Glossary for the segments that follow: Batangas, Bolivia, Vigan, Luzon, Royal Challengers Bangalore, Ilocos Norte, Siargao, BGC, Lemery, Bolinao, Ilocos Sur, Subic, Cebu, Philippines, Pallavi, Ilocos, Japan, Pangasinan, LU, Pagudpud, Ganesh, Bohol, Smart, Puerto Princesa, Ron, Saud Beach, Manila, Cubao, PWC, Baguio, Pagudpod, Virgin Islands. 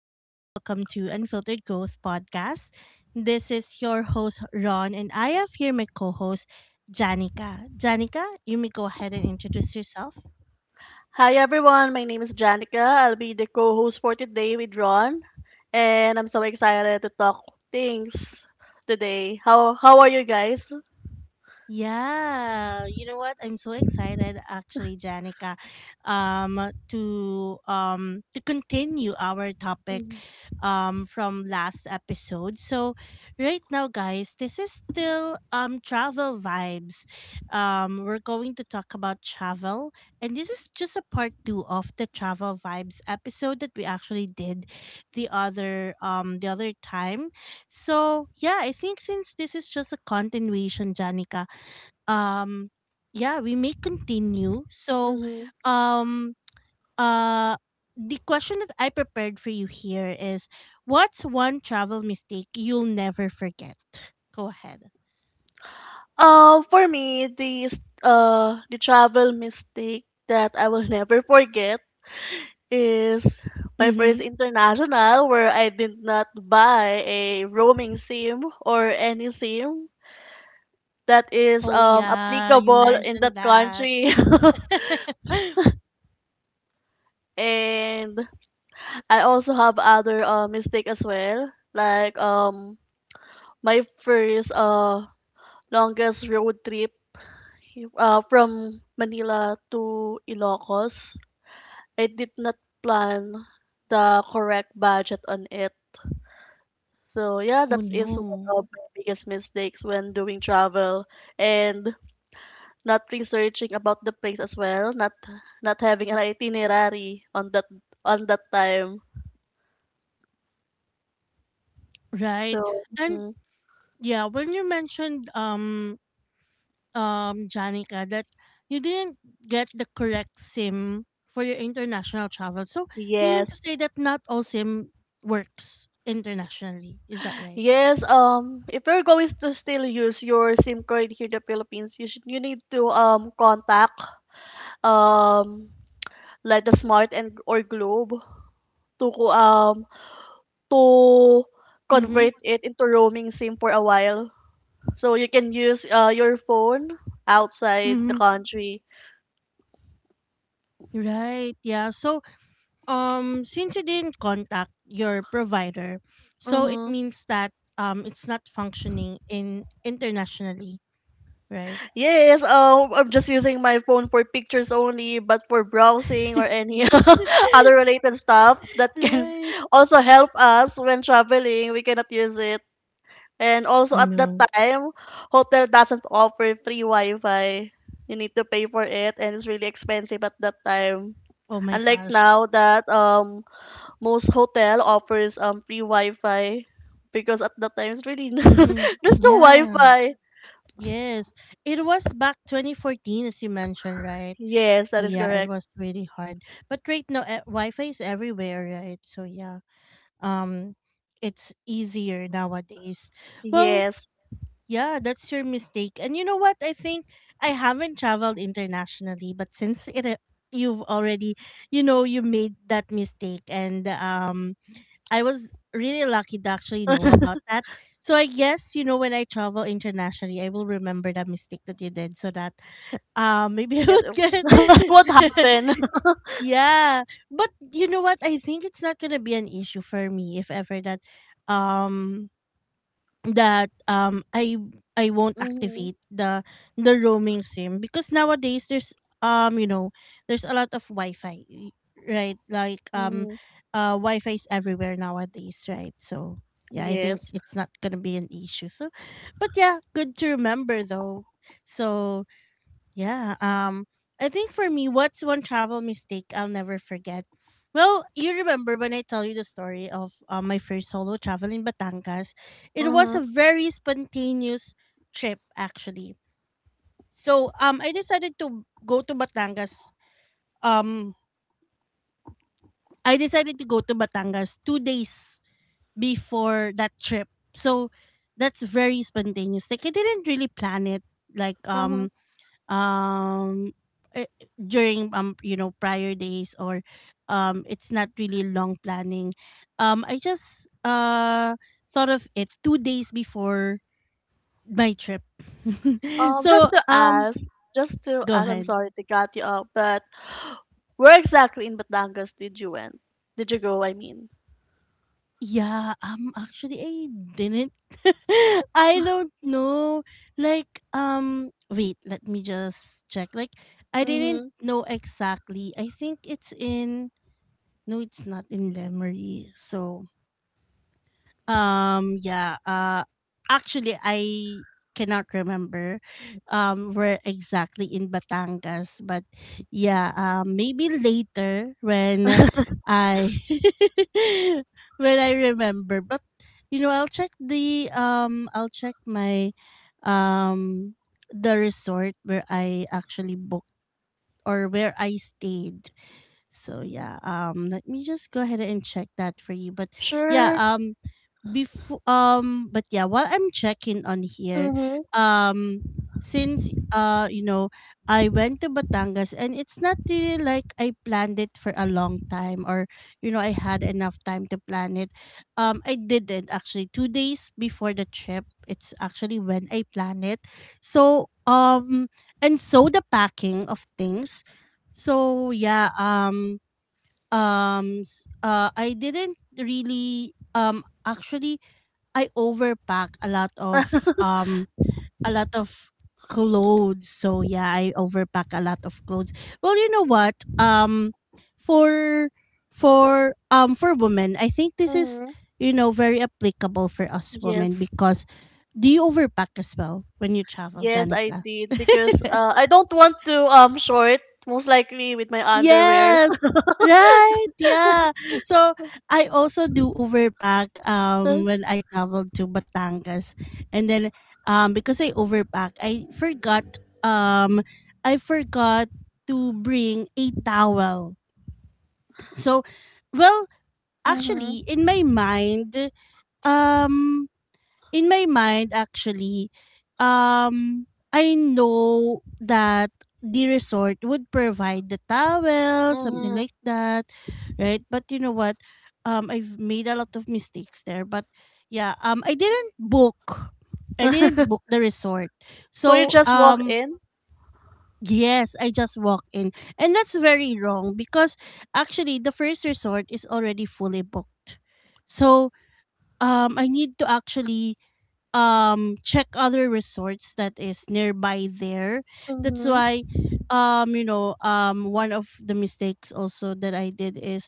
everyone. Welcome to Unfiltered Growth Podcast. This is your host, Ron, and I have here my co host, Janica. Janica, you may go ahead and introduce yourself. Hi everyone, my name is Janica. I'll be the co-host for today with Ron, and I'm so excited to talk things today. How are you guys? Yeah, you know what? I'm so excited actually, Janica, um to to continue our topic Mm-hmm. From last episode. So right now guys, this is still travel vibes. We're going to talk about travel, and this is just a part 2 of the travel vibes episode that we actually did the other time. So yeah, I think since this is just a continuation, Janica, um yeah we may continue. So hmm um uh the question that I prepared for you here is, what's one travel mistake you'll never forget? Go ahead. For me, the travel mistake that I will never forget is my first Mm-hmm. international where I did not buy a roaming SIM or any SIM that is Oh yeah, you applicable in that mentioned that. country. And I also have other mistake as well. Like my first longest road trip, from Manila to Ilocos. I did not plan the correct budget on it. So yeah, Oh that is one no. of my biggest mistakes when doing travel and not researching about the place as well, not having an itinerary on that time. Right. So And yeah, when you mentioned Janica, that you didn't get the correct SIM for your international travel. So you mean to yes. say that not all SIM works internationally? Is that right? Yes, if you're going to still use your SIM card here in the Philippines, you need to contact um like the Smart and or Globe to co- um to Mm-hmm. convert it into roaming SIM for a while, so you can use your phone outside the Mm-hmm. country. Right. Yeah. So since you didn't contact your provider, so it Mm-hmm. means that it's not functioning in internationally, right? Yes, I'm just using my phone for pictures only, but for browsing or any other related stuff that can Right. also help us when traveling, we cannot use it. And also Oh at that no. time, hotel doesn't offer free Wi-Fi. You need to pay for it, and it's really expensive at that time. Oh my Unlike gosh. now that most hotel offers free Wi-Fi because at that time it's really Mm-hmm. there's no Yeah. Wi-Fi. Yes, it was back 2014, as you mentioned, right? Yes, So that is yeah, it correct. was really hard. But right now, Wi-Fi is everywhere, right? So yeah, um, it's easier nowadays. Well, Yes. yeah, that's your mistake. And you know what? I think I haven't traveled internationally, but since you've already, you know, you made that mistake, and I was really lucky to actually know about that. So I guess, you know, when I travel internationally, I will remember that mistake that you did, so that maybe I Yes. would Oh. get What happened? Yeah. But you know what? I think it's not gonna be an issue for me if ever that um that um I I won't Mhm. activate the roaming sim, because nowadays there's you know there's a lot of Wi-Fi right like Mhm. Wi-Fi is everywhere nowadays, right? So yeah, I think Yes. it's not gonna be an issue. So but yeah, good to remember though. So yeah. I think for me, what's one travel mistake I'll never forget? Well, you remember when I tell you the story of my first solo travel in Batangas? It was a Mhm. very spontaneous trip, actually. So, I decided to go to Batangas. Um, I decided to go to Batangas 2 days before that trip. So, that's very spontaneous. Like I didn't really plan it. Like Mhm. Um eh, during you know prior days or it's not really long planning. Um i just uh thought of it 2 days before my trip. Um, just So to ask, just to go ask. I'm ahead. sorry to cut you off, but where exactly in Batangas did you went? Did you go? I mean. Yeah, actually I didn't I don't know, like wait let me just check, like I didn't Mhm. know exactly. I think it's in, no, it's not in Lemery. So um, yeah. Actually, I cannot remember where exactly in Batangas, but yeah, maybe later when I when I remember. But you know, I'll check my um the resort where I actually booked, or where I stayed. So yeah, let me just go ahead and check that for you. But yeah, Sure. Before but yeah, while I'm checking on here, Mhm. um since you know, I went to Batangas, and it's not really like I planned it for a long time, or you know, I had enough time to plan it. I didn't actually, 2 days before the trip, it's actually when I plan it. So and so the packing of things. So yeah, I didn't really actually I overpack a lot of clothes. So yeah, I overpack a lot of clothes. Well, you know what? For for women, I think this is, Mm-hmm. you know, very applicable for us women. Yes, Because do you overpack as well when you travel, yes, I Janica? did because I don't want to short, most likely with my underwear. Yes. Right. Yeah. So I also do overpack when I traveled to Batangas. And then because I overpack, I forgot um I forgot to bring a towel. So well, Mhm. actually in my mind, um in my mind actually um i know that the resort would provide the towel, something Mhm. like that, right? But you know what, I've made a lot of mistakes there. But yeah, I didn't book, I didn't book the resort. So you So just walk in. yes, I just walked in, and that's very wrong. Because actually the first resort is already fully booked, so I need to actually check other resorts that is nearby there. That's Mm-hmm. why you know, one of the mistakes also that I did is,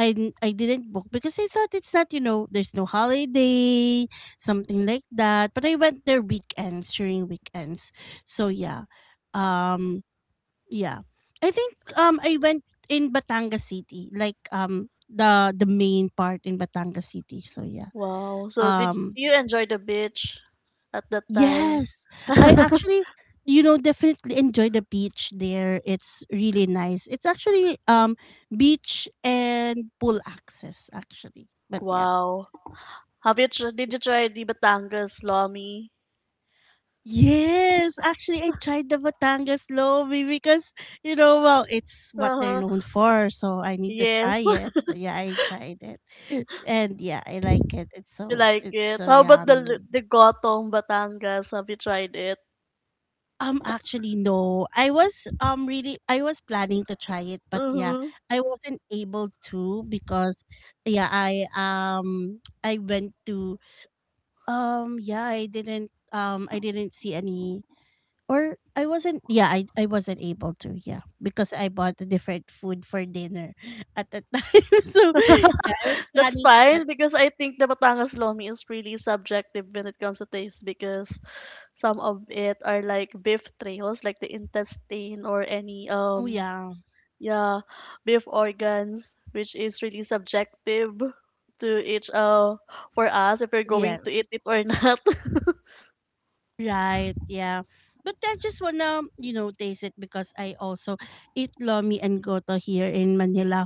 I didn't book because I thought it's not, you know, there's no holiday, something like that. But I went there weekends, during weekends. So yeah. Um yeah. I think I went in Batangas City, like the main part in Batangas City. So yeah. Wow. So did Um. you enjoy the beach at that time? Yes. I actually, you know, definitely enjoy the beach there. It's really nice. It's actually beach and pool access actually. But yeah. Wow. Did you try the Batangas lomi? Yes, actually, I tried the Batangas Lomi, because, you know, well, it's what they're Uh-huh. known for, so I need to try Yes. it. So yeah, I tried it, and yeah, I like it. It's You so, like it's it? so How about the yummy. the gotong Batangas? Have you tried it? Actually, no. I was really, I was planning to try it, but yeah, Mm-hmm. I wasn't able to. Because yeah, I I went to yeah, I didn't see any, or I wasn't yeah, I wasn't able to, yeah, because I bought a different food for dinner at the time. So, yeah, I was That's planning to, but fine because I think the Batangas lomi is really subjective when it comes to taste because some of it are like beef trios, like the intestine or any oh yeah. yeah, beef organs, which is really subjective to each for us if we're going to Yes. eat it or not. Right, yeah. But I just wanna, you know, taste it, because I also eat lomi and goto here in Manila.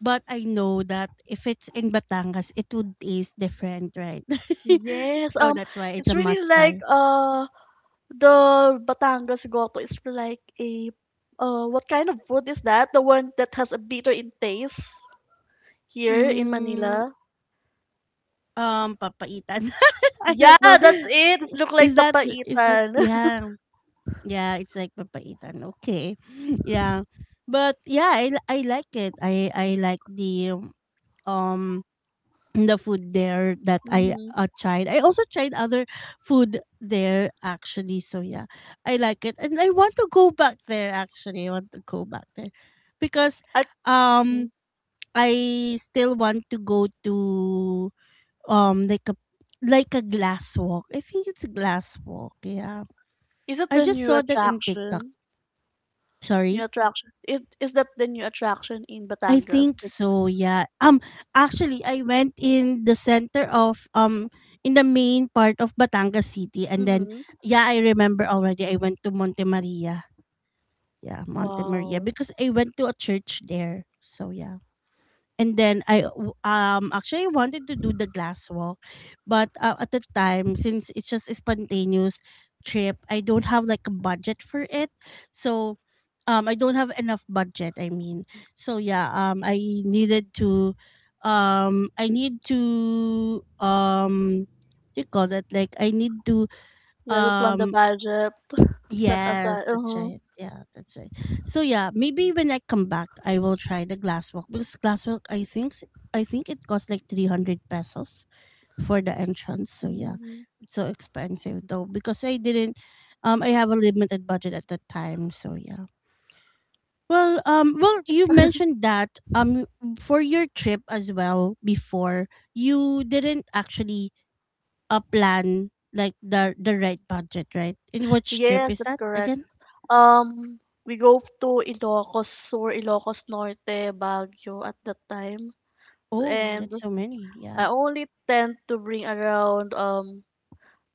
But I know that if it's in Batangas, it would taste different, right? Yes, So that's why it's it's a really must like try. The Batangas goto is like a what kind of food is that? The one that has a bitter in taste here in Mm, Manila. Papaitan. I Yeah, don't know. that's it. It look like Is that, is that, papaitan. yeah. Yeah, it's like papaitan. Okay. Yeah. But yeah, I like it. I like um the food there that I Mm-hmm. uh, tried. I also tried other food there actually. So yeah, I like it, and I want to go back there. Actually, I want to go back there because At, um mhm. I still want to go to like a, like a glass walk. I think it's a glass walk. Yeah, Is it I the just new saw that in TikTok. attraction? New Sorry. attraction. Is that the new attraction in I Batangas? think so, yeah. Actually I went in the center of in the main part of Batangas City, and then Mm-hmm. yeah, I remember already, I went to Monte Maria. Yeah, Monte Maria Wow. because I went to a church there. So yeah, and then I actually wanted to do the glass walk, but at the time, since it's just a spontaneous trip, I don't have like a budget for it. So I don't have enough budget, I mean. So yeah, needed to I need to what do you call that like I need to Yeah, you plan the um. budget, set aside. Yes, that's Uh-huh. right. Yeah, that's right. So yeah, maybe when I come back, I will try the glass walk, because glass walk, I think, I think it costs like 300 pesos for the entrance. So yeah, hmm it's so expensive though because I didn't, I have a limited budget at that time. So yeah. Well, well, you mentioned that for your trip as well before, you didn't actually plan like the right budget, right? In which trip Yes, is that's that correct. again? We go to Ilocos Sur, Ilocos Norte, Baguio at that time. Oh, And that's so many. I Yeah. only tend to bring around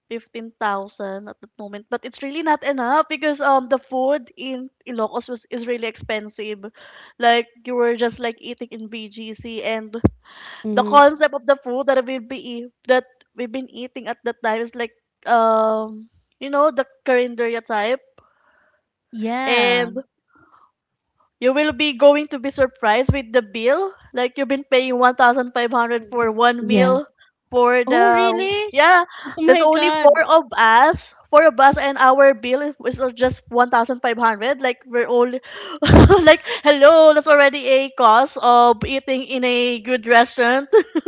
15,000 at that moment, but it's really not enough because the food in Ilocos was is really expensive. Like you were just like eating in BGC and the Mm-hmm. concept of the food that that we've been eating at that time is like um the carinderia type, Yeah. and you will be going to be surprised with the bill. Like you've been paying 1,500 for Mm-hmm. one Yeah. meal for Oh, the really? yeah, Oh there's my only God. Four of us, and our bill is just 1,500. Like we're only like hello, that's already a cost of eating in a good restaurant.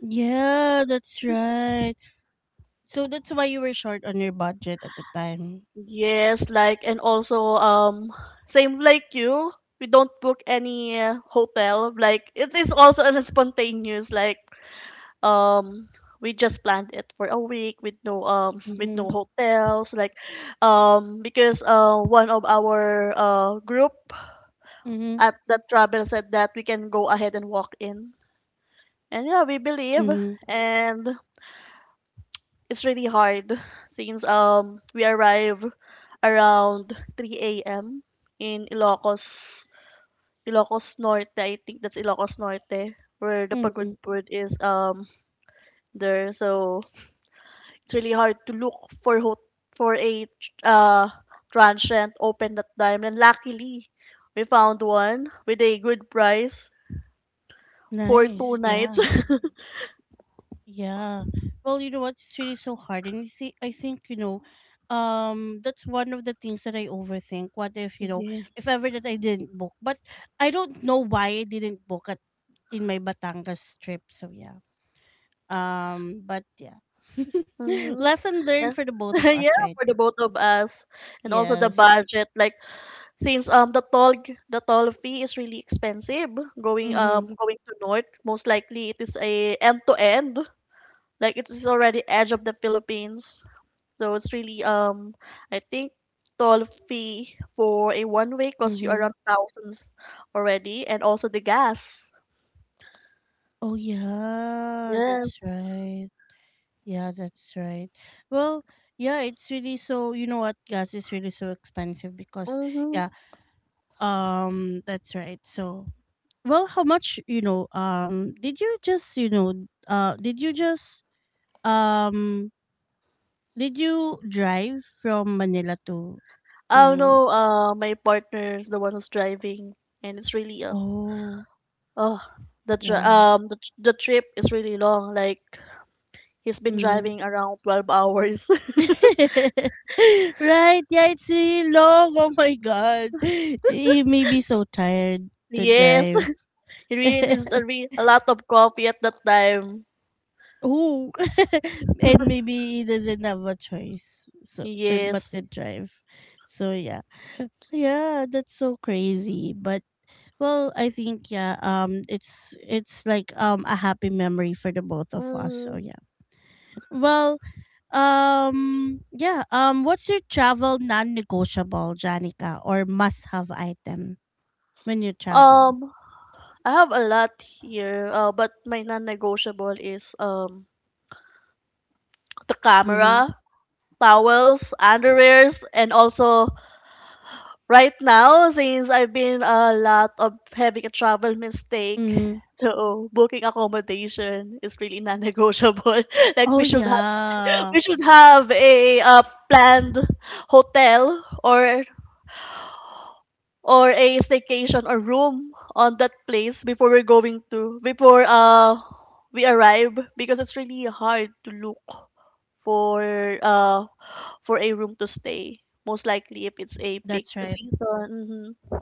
Yeah, that's right. So that's why you were short on your budget at the time. Yes, like and also same like you, we don't book any hotel. Like it is also a spontaneous, like um we just planned it for a week with no um with Mm-hmm. no hotels, like because one of our group Mhm, at that travel said that we can go ahead and walk in, and yeah we believe, mhm, and it's really hard since we arrive around 3 a.m. in Ilocos Norte. I think that's Ilocos Norte where the pagod mhm. food is there. So it's really hard to look for ho- for a uh transient open that time. And luckily, we found one with a good price for two Nice, nights. yeah, yeah. Well, you know what? It's really so hard, and you see, I think you know, that's one of the things that I overthink. What if, you know, Yes. if ever that I didn't book, but I don't know why I didn't book at, in my Batangas trip. So yeah, but yeah, Mm-hmm. lesson learned Yeah. for the both of us, Yeah, right? for the both of us, and also the Yes. budget. Like since the toll fee is really expensive going Mhm, going to north. Most likely it is a end to end. Like it is already edge of the Philippines. So it's really I think toll fee for a one way costs you mhm. around thousands already, and also the gas. Oh yeah, that's Yes. right. Yeah, that's right. Well, yeah, it's really so, you know what, gas is really so expensive, because Mm-hmm. yeah, that's right. So well, how much, you know, did you just you know did you just um did you drive from Manila to I don't to know, my partner is the one who's driving, and it's really oh oh the dri- yeah. um the, the trip is really long, like he's been Mm-hmm. driving around 12 hours. Right, yeah, it's really long. Oh my god. He may be so tired to Yes. drive. He really needs a lot of coffee at that time. Oh, and maybe he doesn't have a choice, so to but to Yes. drive. So yeah, yeah, that's so crazy. But it's like a happy memory for the both of us. So Mm. Well, yeah, what's your travel non-negotiable, Janica, or must-have item? When you travel? Um, I have a lot here, but my non-negotiable is the Mm-hmm. camera, towels, underwears, and also right now since I've been a lot of having a travel mistake, Mm-hmm. so booking accommodation is really non-negotiable. Like Oh yeah, we should have a planned hotel or or a staycation or room on that place before we're going to before we arrive, because it's really hard to look for uh for a room to stay, most likely if it's a peak that's right. season.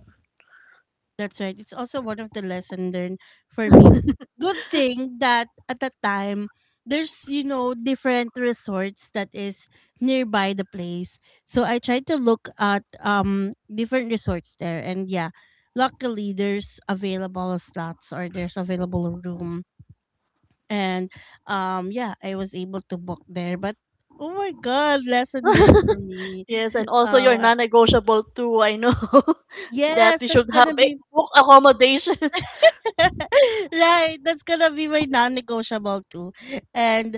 That's right. It's also one of the lesson learned for me. Good thing that at that time there's you know different resorts that is nearby the place. So I tried to look at different resorts there and yeah, luckily there's available slots or there's available room and yeah, I was able to book there but oh my god, lesson learned for me. Yes, and also Um your I- non-negotiable too, I know. That yes, we that's should going have to a be book accommodation. right. That's gonna be my non-negotiable too. And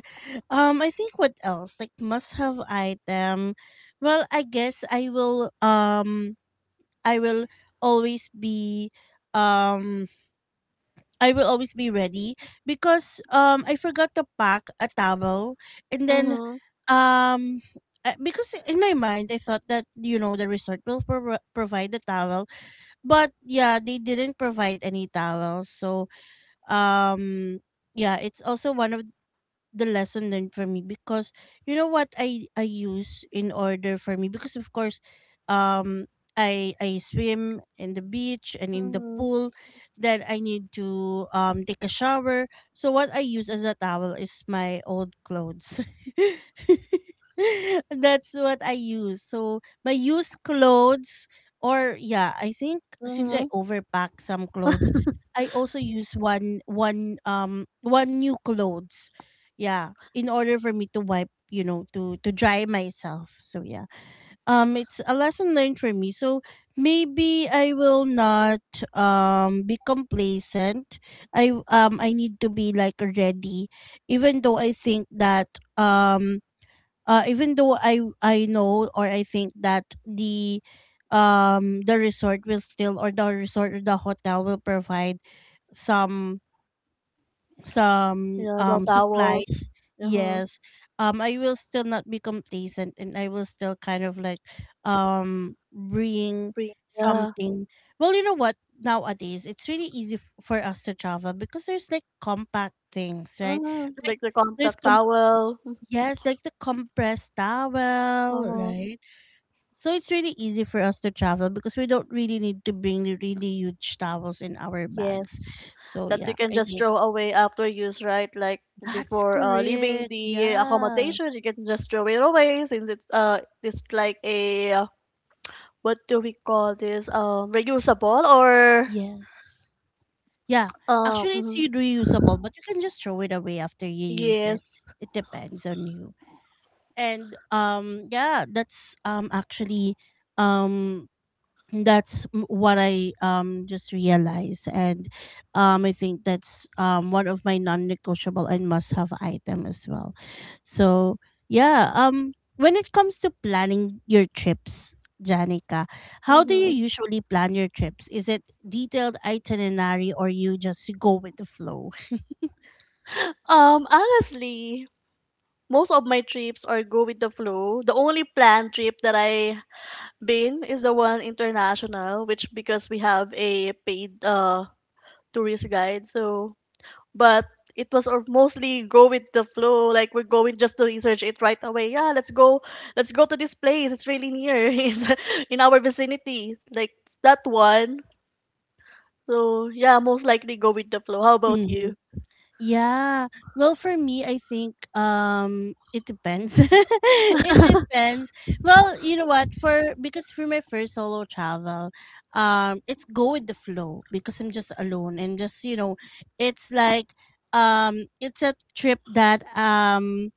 I think what else? Like must have item. Well, I guess I will always be um I will always be ready because I forgot to pack a towel and then Mm-hmm, um because in my mind I thought that you know the resort will provide the towel but yeah they didn't provide any towels so um yeah it's also one of the lesson learned for me because you know what I use in order for me because of course um I swim in the beach and in the mm-hmm, pool then I need to take a shower so what I use as a towel is my old clothes. That's what I use, so my used clothes or yeah I think since mm-hmm. I overpack some clothes I also use one new clothes, yeah, in order for me to wipe you know to dry myself. So yeah, it's a lesson learned for me, so maybe I will not be complacent. I need to be like ready even though I think that um even though I know or I think that the resort will still or the resort or the hotel will provide some some Yeah, the supplies. towels. Uh-huh. Yes, I will still not be complacent and I will still kind of like bring Bring. Yeah. something. Well, you know what, nowadays it's really easy for us to travel because there's like compact things, right? Uh-huh. Like Like the there's contact com towel. yes, like the compressed towel, Uh-huh. right? So it's really easy for us to travel because we don't really need to bring the really huge towels in our bags, Yes, so that you yeah can I just think throw away after use, right? Like that's before leaving correct. the Yeah. accommodation, you can just throw it away since it's like a what do we call this? Reusable or Yes. Yeah. um Actually, it's mhm. reusable, but you can just throw it away after you use it. yes. It depends on you. And yeah, that's actually um what I just realized, and I think that's one of my non-negotiable and must-have item as well. So yeah, when it comes to planning your trips, Janica, how do you Mm-hmm. usually plan your trips? Is it detailed itinerary or you just go with the flow? Honestly, most of my trips are go with the flow. The only planned trip that I been is the one international, which because we have a paid tourist guide, so. But it was or mostly go with the flow, like we're going just to research it right away. Yeah, let's go, let's go to this place, it's really near. It's in our vicinity, like that one. So yeah, most likely go with the flow. How about Mhm. you? Yeah. Well, for me, I think it depends. It depends. Well, you know what? For Because for my first solo travel, it's go with the flow because I'm just alone and just, you know, it's like it's a trip that um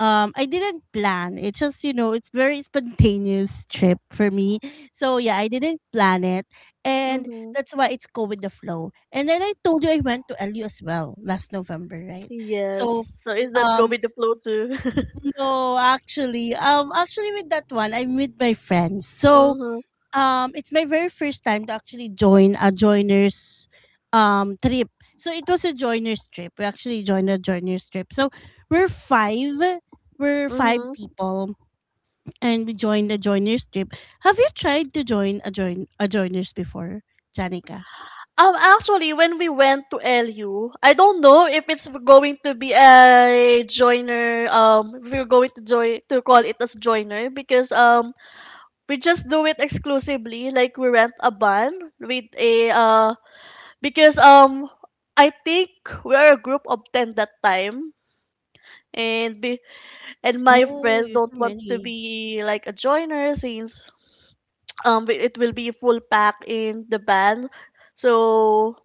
um I didn't plan. It's just, you know, it's very spontaneous trip for me. So yeah, I didn't plan it. And Mm-hmm. that's why it's go with the flow. And then I told you I went to LU as well last November, right? So Yes, so is that go um with the flow too? no, actually, actually with that one I'm with my friends. So Mm-hmm. It's my very first time to actually join a joiners trip. So it was a joiners trip. We actually joined a joiners trip. So we're five we're five Mm-hmm. people and we joined a joiners trip. Have you tried to join a joiners before, Janica? Actually, when we went to LU, I don't know if it's going to be a joiner. If we're going to join to call it as joiner, because we just do it exclusively, like we rent a van with a because I think we are a group of 10 that time, and be, and my Oh, friends you're don't so want to many. be like a joiner, since it will be full pack in the van, so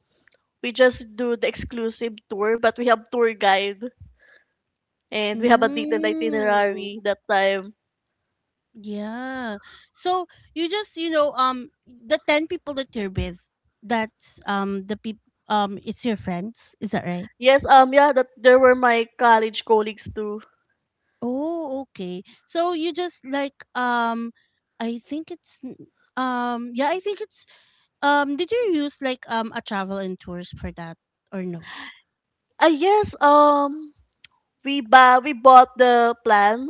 we just do the exclusive tour, but we have tour guide and we have a detailed Mm. itinerary that time. Yeah. So you just you know the ten people that you're with, that's the people it's your friends. Is that right? Yes, yeah, that there were my college colleagues too. Oh, okay. So you just like I think it's n- yeah, I think it's did you use like a travel and tours for that or no? Yes, we bought the plan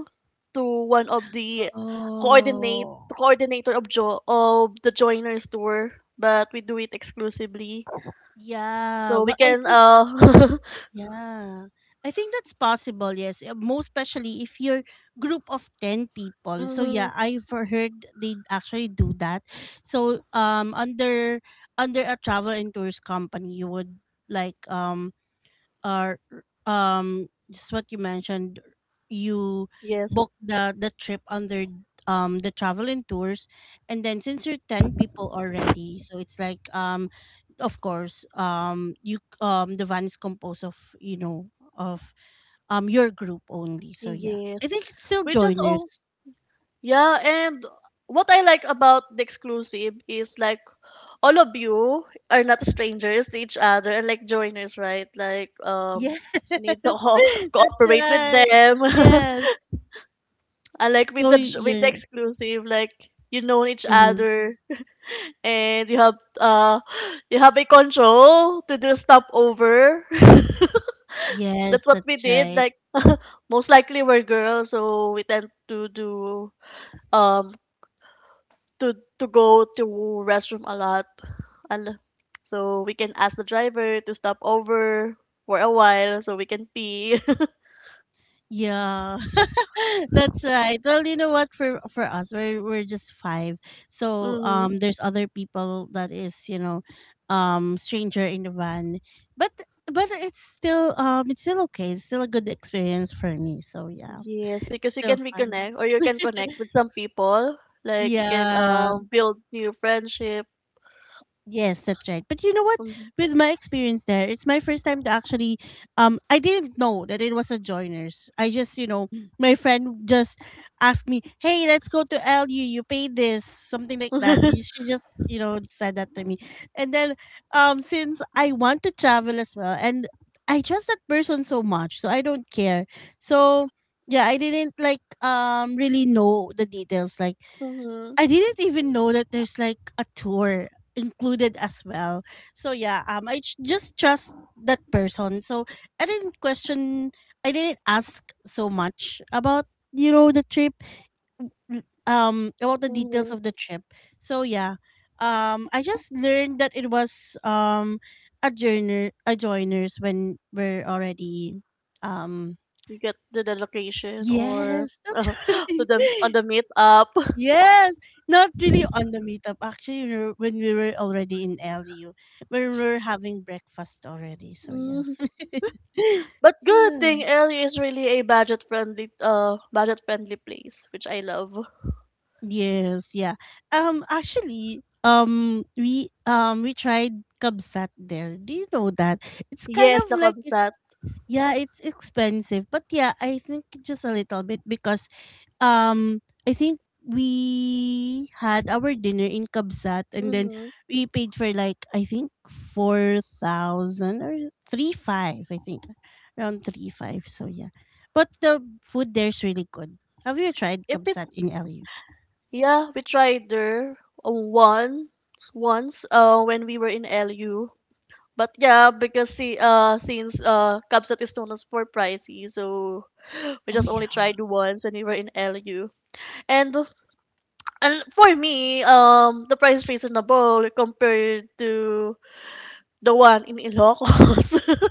to one of the coordinate Oh. coordinator of the joiners tour, but we do it exclusively, Yeah, so we well I can think yeah. I think that's possible. Yes, most especially if you're group of 10 people. So mm, yeah, I've heard they actually do that. So under a travel and tours company, you would like uh, just what you mentioned, you yes, book the trip under the travel and tours, and then since you're 10 people already so it's like of course you the van is composed of, you know, of your group only, so yeah yes, I think it's still we just, oh joiners. yeah. And what I like about the exclusive is like all of you are not strangers to each other, and like joiners, right? Like Yes. you need to That's cooperate with right. them. Yes. I like with So the you're exclusive, like you know each mhm. other, and you have you have a control to do stopover. That's Yes, what that's we did. right. Like most likely we're girls, so we tend to do um to to go to restroom a lot. Al- So we can ask the driver to stop over for a while so we can pee. Yeah, that's right. Well, you know what? For us, we're just five. So Mhm. There's other people that is, you know, stranger in the van, but but it's still okay. It's still a good experience for me. So yeah, Yes, because you still can fun. reconnect or you can connect with some people. Like you can Yeah. Build new friendship. Yes, that's right. But you know what? Mhm. With my experience there, it's my first time to actually I didn't know that it was a joiners. I just, you know, my friend just asked me, "Hey, let's go to LU. You pay this." Something like that. She just, you know, said that to me. And then since I want to travel as well and I trust that person so much, so I don't care. So yeah, I didn't like really know the details, like Mhm. I didn't even know that there's like a tour included as well. So yeah, just trust that person. So I didn't question. I didn't ask so much about, you know, the trip, about the details Mhm. of the trip. So yeah, I just learned that it was um a joiners when we're already um You get to the location or yes that's to the on right. the meetup. Yes, not really on the meetup. Actually, when we were already in LU, when we were having breakfast already. So yeah, Mhm. But good thing yeah, LA is really a budget friendly place, which I love. yes, yeah. Actually, we tried kabsat there. Do you know that? It's kind Yes, the of like it's Kamsat. yeah, it's expensive, but yeah, I think just a little bit because um, I think we had our dinner in Kabsat, and then Mm-hmm. we paid for like I think 4,000 or three five, I think. Around three five. So yeah. But the food there is really good. Have you tried If it Kabsat in LU? Yeah, we tried there uh, once once when we were in LU. But yeah, because see, since Kabsat is known as for pricey, so we Oh just yeah. only tried once and we were in LU. And and for me, the price is reasonable compared to the one in Ilocos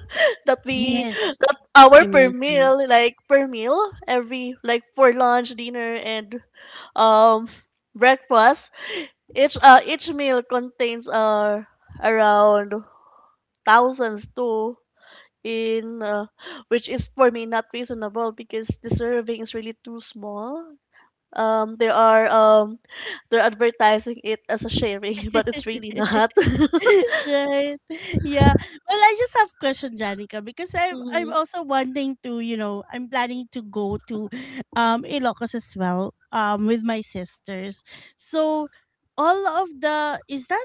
that we Yes, that as our you per mentioned. meal, every like for lunch, dinner, and um breakfast. Each meal contains around thousands to in, which is for me not reasonable because the serving is really too small. They are they're advertising it as a sharing, but it's really not. Right. Yeah. Well, I just have question, Janica, because I'm Mhm. also wanting to, you know, I'm planning to go to Ilocos as well, with my sisters. So all of the is that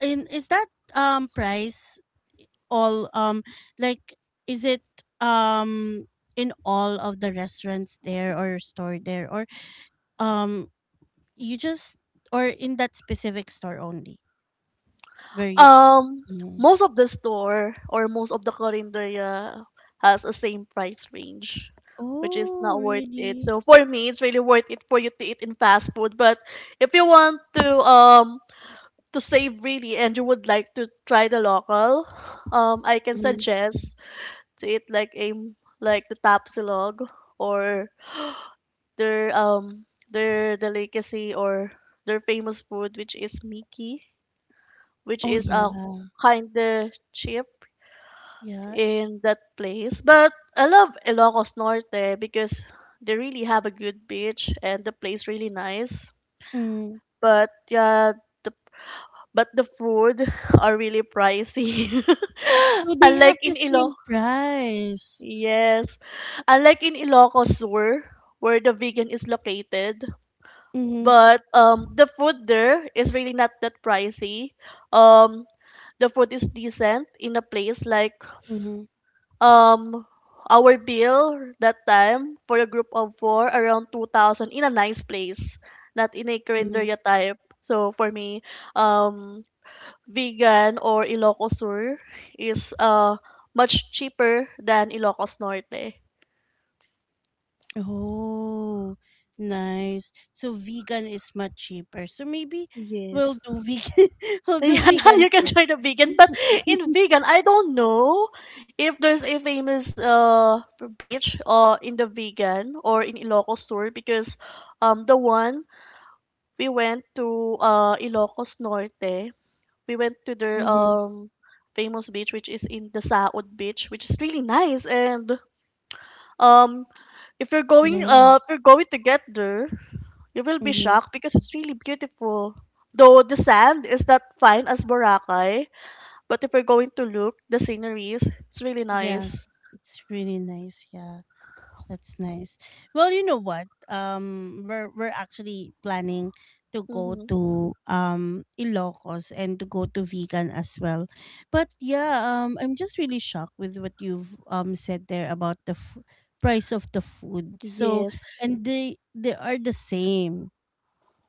in is that price all like is it um in all of the restaurants there or store there? Um, you just, or in that specific store only where you Um, mm. most of the store or most of the karinderya has a same price range, which is Oh, not worth it. really? So for me, it's really worth it for you to eat in fast food. But if you want to save really and you would like to try the local, I can Mhm. suggest to eat like a like the tapsilog or their delicacy or their famous food which is Miki, which Oh, is yeah. Kinda cheap Yeah. in that place. But I love Ilocos Norte because they really have a good beach and the place really nice. Mm. But yeah, the but the food are really pricey. So they have Unlike in the Iloc, same price. yes, unlike in Ilocos Sur, where the vegan is located, Mhm. but the food there is really not that pricey. Um, the food is decent in a place like Mhm. um our bill that time for a group of four around 2,000 in a nice place, not in a Mhm. carinderia type. So for me, um Vigan or Ilocos Sur is much cheaper than Ilocos Norte. Oh, nice. So vegan is much cheaper. So maybe we'll Yes. do vegan. we'll do Yeah, vegan you can first. try the vegan, but in vegan, I don't know if there's a famous beach in the vegan or in Ilocos Sur because the one we went to Ilocos Norte, we went to their Mm-hmm. Famous beach which is in the Saud Beach, which is really nice and Um, if you're going, uh, if Nice. you're going to get there, you will be Mm-hmm. shocked because it's really beautiful. Though the sand is not fine as Boracay, but if you're going to look, the sceneries, it's really nice. Yes, it's really nice. Yeah. That's nice. Well, you know what? We're actually planning to go Mm-hmm. to Ilocos and to go to Vegan as well. But yeah, I'm just really shocked with what you've said there about the price of the food. So Yes, and they are the same,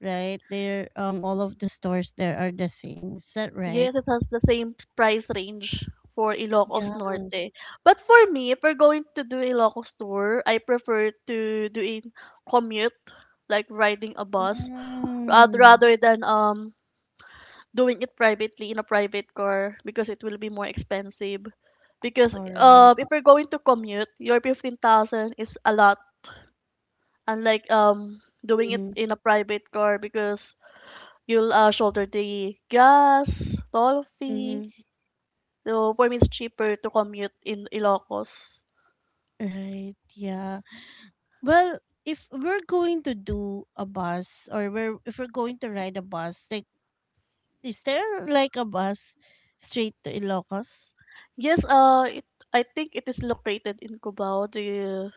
right? They're all of the stores there are the same. Is that right? yes, it has the same price range for Ilocos Yes. Norte. But for me, if we're going to do Ilocos tour, I prefer to do a commute, like riding a bus, rather Mm, rather than doing it privately in a private car because it will be more expensive. Because all right. If you're going to commute, your 15,000 is a lot. Unlike doing it Mm-hmm. in a private car because you'll shoulder the gas, toll fee. Mm-hmm. So for me, it's cheaper to commute in Ilocos. Right. Yeah. Well, if we're going to do a bus or we're if we're going to ride a bus, like is there like a bus straight to Ilocos? Yes, I think it is located in Cubao,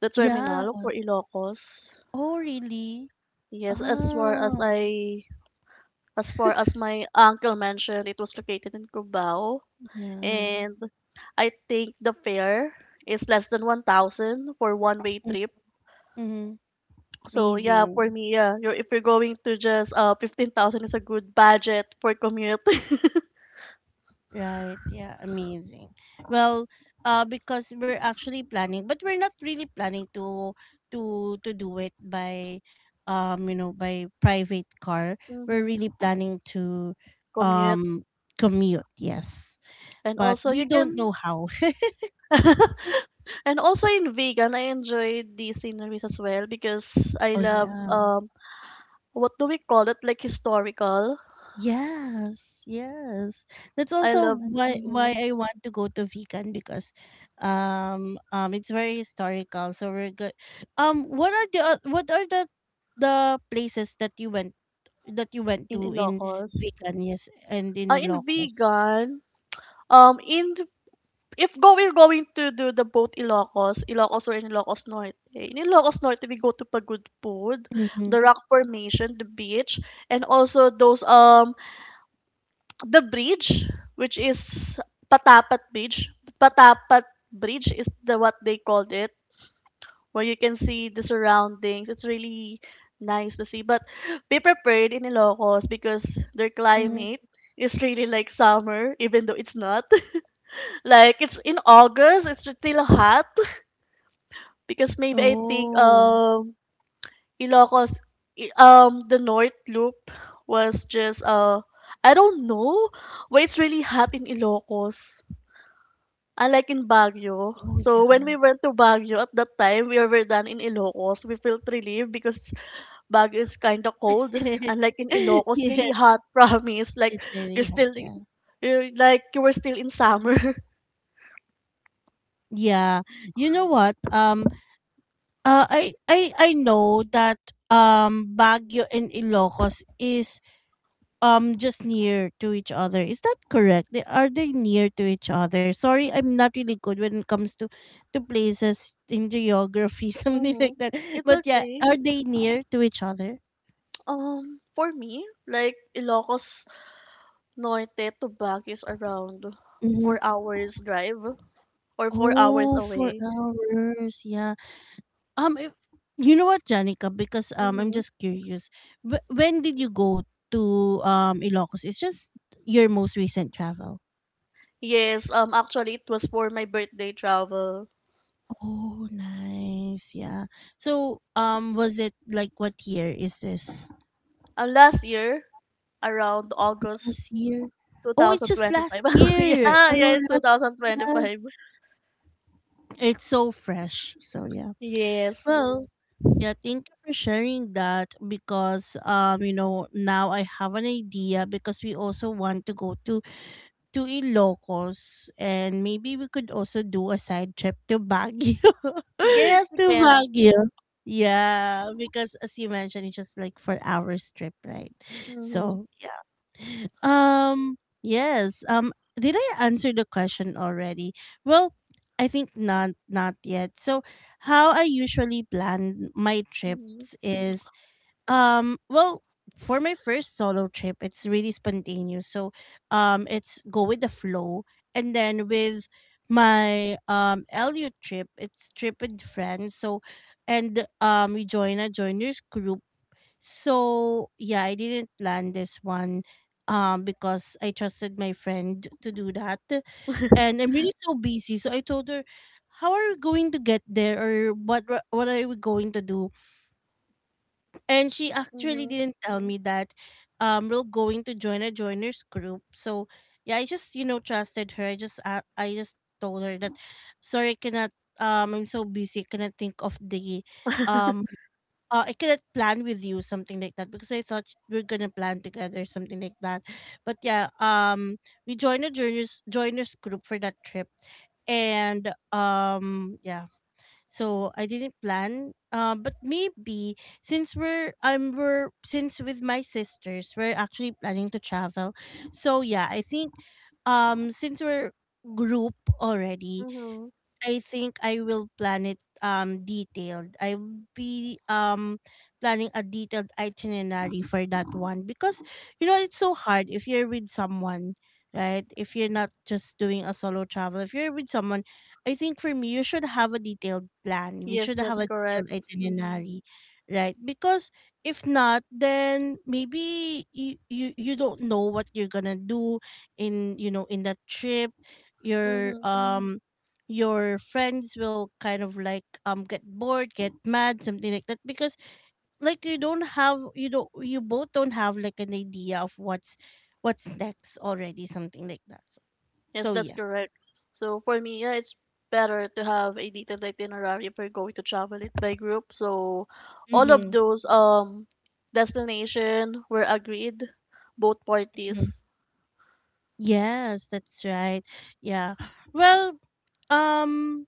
the Yeah. terminal for Ilocos. Oh, really? Yes, as far as Ah, I As far as my uncle mentioned, it was located in Cubao. yeah. And I think the fare is less than 1,000 for one-way trip. Mm-hmm. So yeah, for Amazing. me, yeah, if you're going to just 15,000 is a good budget for commute. Right. Yeah. Amazing. Well, because we're actually planning, but we're not really planning to to do it by, you know, by private car. We're hmm really planning to, Commute. um, commute. Yes, And but also we you don't can know how. and also in vegan, I enjoyed the sceneries as well because I Oh love yeah. What do we call it? Like historical. Yes, yes. That's I also love why I want to go to Vigan because it's very historical. So we're good. Um, what are the places that you went in to in Ilocos. Vigan? Yes, and in In Ilocos? vegan, in the- If go we're going to do the both Ilocos, Ilocos or in Ilocos Norte. In Ilocos Norte, we go to Pagudpud, Mm-hmm. the rock formation, the beach, and also those the bridge, which is Patapat Bridge. Patapat Bridge is the what they called it, where you can see the surroundings. It's really nice to see. But be prepared in Ilocos because their Mm-hmm. climate is really like summer, even though it's not. Like it's in August, it's still hot because maybe I think Oh. Ilocos the North Loop was just I don't know why it's really hot in Ilocos. Unlike in Baguio. Oh So when we yeah. went to Baguio at that time, we were done in Ilocos. We felt relieved because Baguio is kind of cold. Unlike in Ilocos, really Yes, hot. Promise, like it's you're very hot, still yeah. you're like you were still in summer. Yeah. You know what? I know that Baguio and Ilocos is just near to each other. Is that correct? They near to each other? Sorry, I'm not really good when it comes to places in geography, something hmm like that. It's But yeah, okay. are they near to each other? For me, like Ilocos Norte to Baguio is around Mm-hmm. 4 hours drive or 4 hours Oh, four away. hours. Yeah. If, you know what, Janica? Because I'm hmm just curious. When did you go to Ilocos? It's just your most recent travel. Yes, actually, it was for my birthday travel. Oh, nice. Yeah. So, was it like what year is this? Last year, around Last August year? Oh, it's just last 2025. year. Yeah, Or yeah. 2025. It's so fresh. So yeah. Yes, Well, yeah, thank you for sharing that because now I have an idea because we also want to go to Ilocos, and maybe we could also do a side trip to Baguio. to yes, we can. Baguio. Yeah, because as you mentioned, it's just like for our trip, right? Mm-hmm, So yeah. Um yes. Did I answer the question already? Well, I think not yet. So how I usually plan my mm-hmm, trips is well, for my first solo trip, it's really spontaneous. So, it's go with the flow, and then with my LU trip, it's trip with friends. So, and we join a joiners group. So yeah, I didn't plan this one, because I trusted my friend to do that, and I'm really so busy. So I told her, "How are we going to get there, or what are we going to do?" And she actually mm-hmm, didn't tell me that we're going to join a joiners group. So yeah, I just trusted her. I just told her that sorry, I cannot. I'm so busy. I cannot think of the um. I cannot plan with you something like that because I thought we're gonna plan together something like that. But yeah, we joined a joiners group for that trip, and yeah, so I didn't plan. But maybe since with my sisters we're actually planning to travel, so yeah, I think since we're group already, mm-hmm. I think I will plan it detailed. I'll be planning a detailed itinerary for that one because it's so hard if you're with someone, right? If you're not just doing a solo travel, if you're with someone, I think for me you should have a detailed plan. We Yes, should have that's a correct. detailed Mm-hmm, itinerary, right? Because if not, then maybe you don't know what you're gonna do in that trip. You're mm-hmm. Your friends will kind of like get bored, get mad, something like that because like you both don't have like an idea of what's next already, something like that, so, Yes, so that's yeah. correct. So for me, yeah, it's better to have a detailed itinerary if we're going to travel it by group. So all of Mm-hmm. those destination were agreed, both Hmm. parties. Yes, that's right. Yeah. Well, um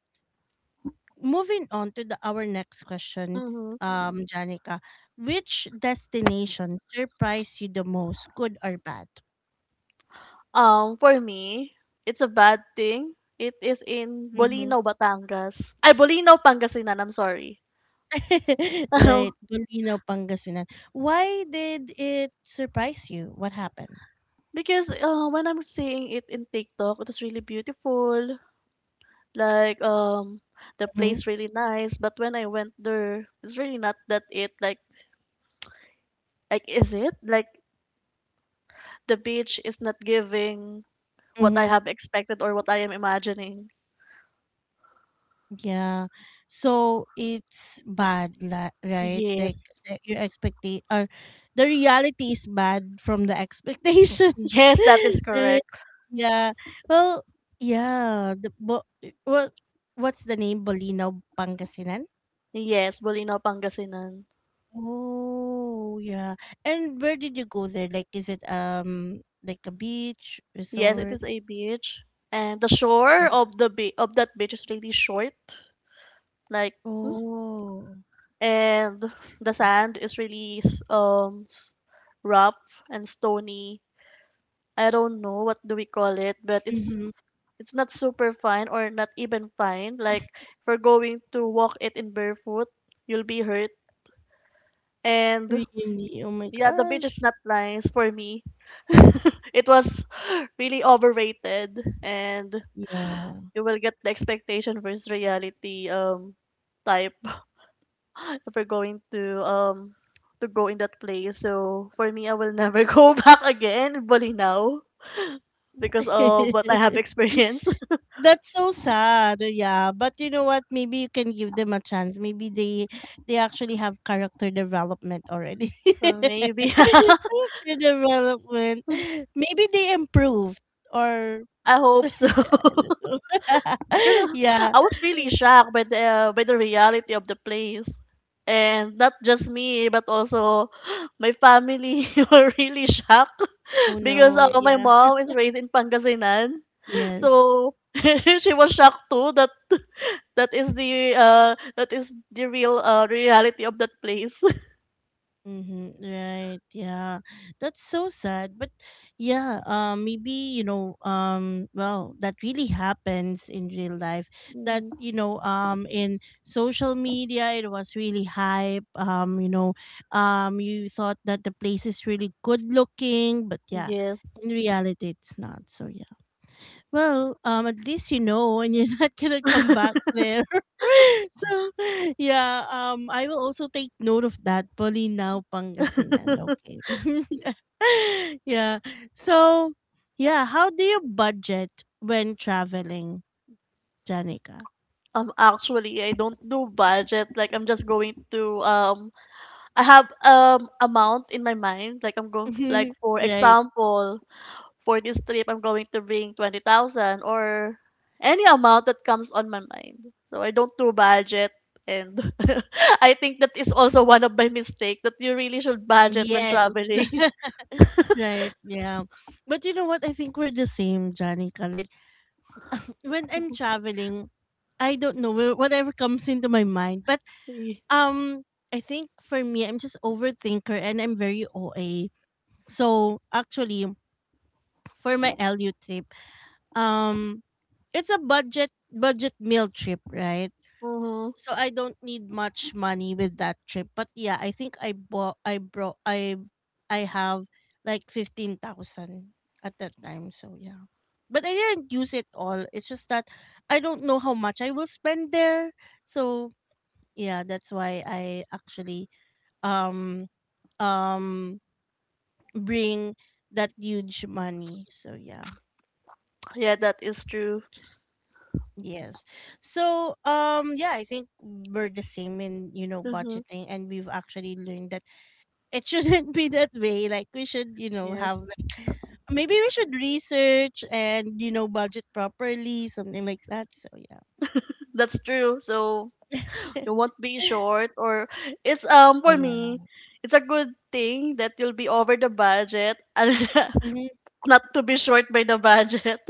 moving on to our next question, Mm-hmm. Janica, which destination surprised you the most, good or bad? For me, it's a bad thing. It is in Bolino, Batangas. Ay, Bolino, Pangasinan. I'm sorry. Right. Bulino, Pangasinan. Why did it surprise you? What happened? Because when I'm seeing it in TikTok, it was really beautiful. Like, the Mm-hmm. place really nice, but when I went there, it's really not that it. Like is it? Like, the beach is not giving what I Mm-hmm. have expected or what I am imagining. Yeah. So it's bad, right? Yes. Like your expectation or the reality is bad from the expectation. Yes, that is Right? correct. Yeah. Well, yeah. The bo- what what's the name? Bolino Pangasinan? Yes, Bulinaw, Pangasinan. Oh, yeah. And where did you go there? Like, is it like a beach Yes, it resort? is a beach. And the shore Yeah. of of that beach is really short. Like, Oh. and the sand is really rough and stony. I don't know what do we call it, but Mm-hmm. it's not super fine or not even fine. Like if we're going to walk it in barefoot, you'll be hurt. And Really? Oh my yeah, the beach is gosh. not nice for me. It was really overrated and Yeah. you will get the expectation versus reality type if we're going to go in that place. So for me I will never go back again in Bolinao because of what I have experienced. That's so sad. Yeah, but you know what? Maybe you can give them a chance. Maybe they actually have character development already. Maybe. Character development. Maybe they improved, or I hope so. I don't know. Because Yeah. I was really shocked by the reality of the place. And not just me, but also my family were really shocked Oh because no. My Yeah. mom is raised in Pangasinan. Yes. So she was shocked too that that is the uh that is the real reality of that place. Mm-hmm. Right. Yeah. That's so sad. But yeah, maybe, well, that really happens in real life. That, Mhm. In social media it was really hype. You thought that the place is really good looking, but yeah, Yes. in reality it's not. So yeah. Well, at least you know, and you're not gonna come back there. So, yeah, I will also take note of that. Bolinao, Pangasinan. Okay. Yeah. So, yeah, how do you budget when traveling, Janica? Actually I don't do budget like I'm just going to I have amount in my mind. Like I'm go like for Right. example, for this trip I'm going to bring 20,000 or any amount that comes on my mind. So I don't do budget and I think that is also one of my mistake that you really should budget when Yes. traveling. Right. Yeah. But you know what? I think we're the same, Janica. Like when I'm traveling, I don't know whatever comes into my mind. But Um, I think for me, I'm just overthinker and I'm very OA. So actually, for my LU trip, um, it's a budget meal trip, right? Mm-hmm. So I don't need much money with that trip. But yeah, I think I bought, I brought, I have like 15,000 at that time. So yeah, but I didn't use it all. It's just that I don't know how much I will spend there. So yeah, that's why I actually um um bring that huge money, so yeah. Yeah, that is true. Yes. So yeah, I think we're the same in, hmm budgeting, and we've actually learned that it shouldn't be that way. Like we should, Yes, have like, maybe we should research and, budget properly, something like that, so yeah. that's true. So you won't be short or it's Oh for yeah. me, it's a good thing that you'll be over the budget and not to be short by the budget.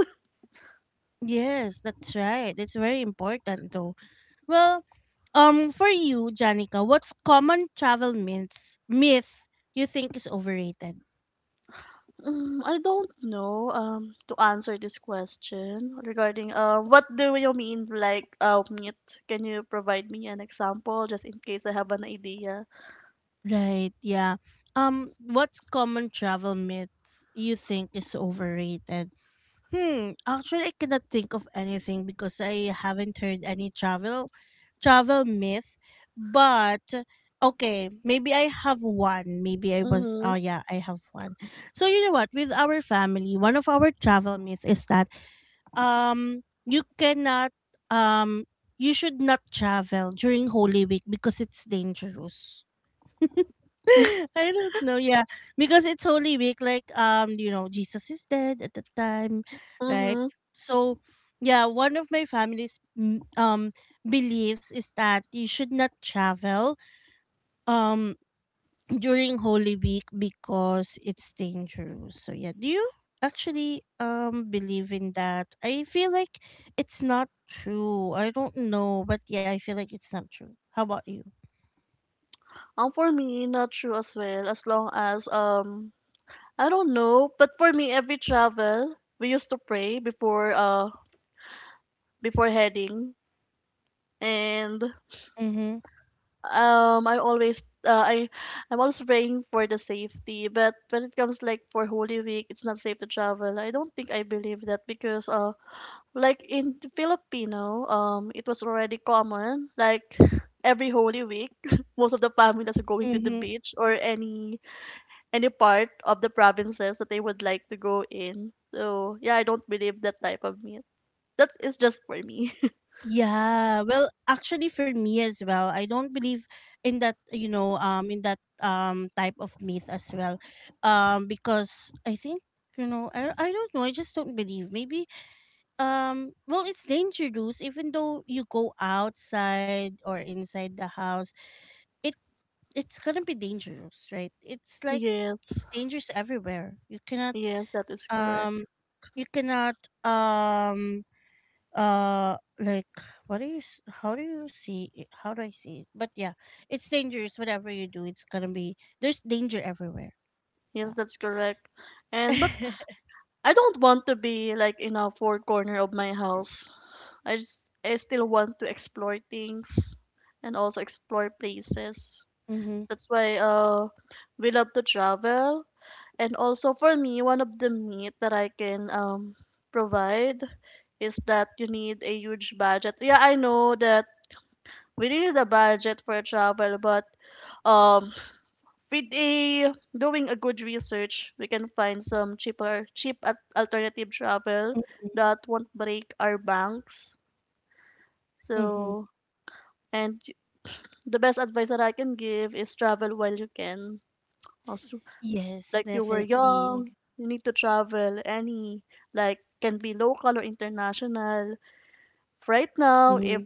Yes, that's right. It's very important though. Well, for you, Janica, what's common travel myth you think is overrated? Mm, I don't know to answer this question regarding what do you mean like meat? Can you provide me an example just in case I have an idea? Right, yeah. What's common travel myth you think is overrated? Hmm, actually I cannot think of anything because I haven't heard any travel myth. But okay, maybe I have one. Maybe I was Mm-hmm. oh yeah, I have one. So you know what, with our family, one of our travel myth is that um you cannot um you should not travel during Holy Week because it's dangerous. I don't know. Yeah, because it's Holy Week. Like, Jesus is dead at the time, right? Mm-hmm. So, yeah, one of my family's beliefs is that you should not travel. Um, During Holy Week because it's dangerous. So yeah, do you actually believe in that? I feel like it's not true. I don't know, but yeah, I feel like it's not true. How about you? For me, not true as well. As long as I don't know, but for me, every travel we used to pray before before heading, and Mm-hmm. I'm always I I'm also praying for the safety but when it comes like for holy week it's not safe to travel I don't think I believe that because like in the filipino it was already common like every holy week most of the families are going to the Mm-hmm. beach or any part of the provinces that they would like to go in so yeah I don't believe that type of myth that is just for me. Yeah, well, actually for me as well, I don't believe in that, in that type of myth as well. Because I think, I don't know, I just don't believe. Maybe well, it's dangerous even though you go outside or inside the house. It it's going to be dangerous, right? It's like Yes, dangerous everywhere. You cannot yes that is correct. um you cannot um like what do how do you see it? How do I see it? But yeah, it's dangerous whatever you do. It's gonna be There's danger everywhere. Yes, Yeah. that's correct. And but I don't want to be like in a four corner of my house. I still want to explore things and also explore places. Mm-hmm. That's why we love to travel and also for me one of the meat that I can provide is that you need a huge budget. Yeah, I know that we need a budget for travel but um with a doing a good research, we can find some cheaper, cheap at alternative travel Mm-hmm. that won't break our banks. Mm-hmm. So, and the best advice that I can give is travel while you can. Also, Yes, like you were young, definitely. you need to travel any, like can be local or international. Right now, Mm-hmm.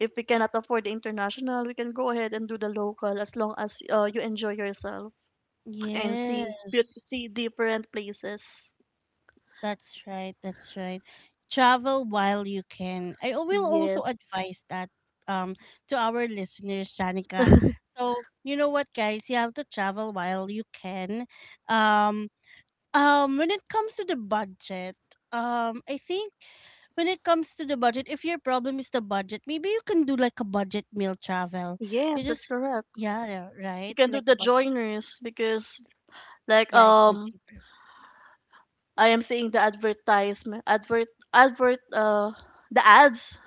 if we cannot afford the international, we can go ahead and do the local as long as you enjoy yourself and Yes, see different places. that's right. That's right. Travel while you can. I will also Yes. advise that, um to our listeners, Janica. So you know what, guys, you have to travel while you can, um when it comes to the budget, I think, when it comes to the budget, if your problem is the budget, maybe you can do like a budget meal travel. Yes, You that's just, correct. yeah, yeah, right? You can do Like a the budget. joiners because like Yeah, it's much cheaper. I am seeing the advertisement advert advert the ads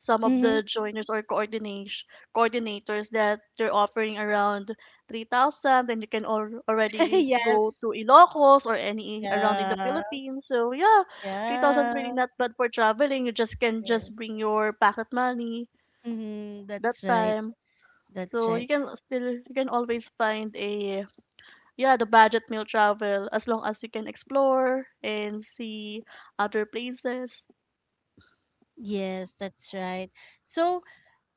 some of Mm-hmm. the joiners or coordination coordinators that they're offering around 3,000 then already go Yes. to Ilocos or any around in the Yeah. Philippines so yeah 3,000 is really Yeah. not bad for traveling you just can Yes. just bring your pocket money Mm-hmm. that That's right. time. That's So right. you can still you can always find a yeah the budget meal travel as long as you can explore and see other places. Yes, that's right. So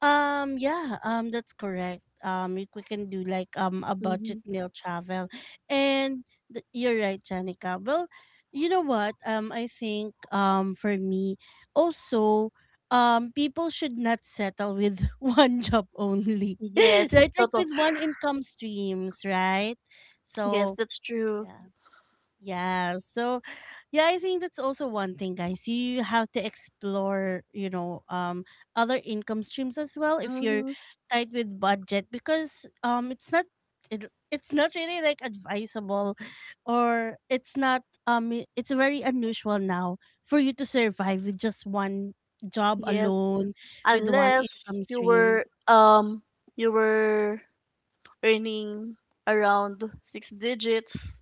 Yeah, that's correct. We can do like a hmm budget meal travel. And you're right, Janica. Well, you know what? I think for me also, people should not settle with one job only. Yes, Right? Like total. with one income streams, right? Yes, So that's true. yeah. Yeah. So yeah, I think that's also one thing, guys. You have to explore, other income streams as well, if you're hmm tight with budget, because it's not really like advisable, or it's not it's very unusual now for you to survive with just one job Yes, alone, with one unless income you stream. were you were earning around six digits,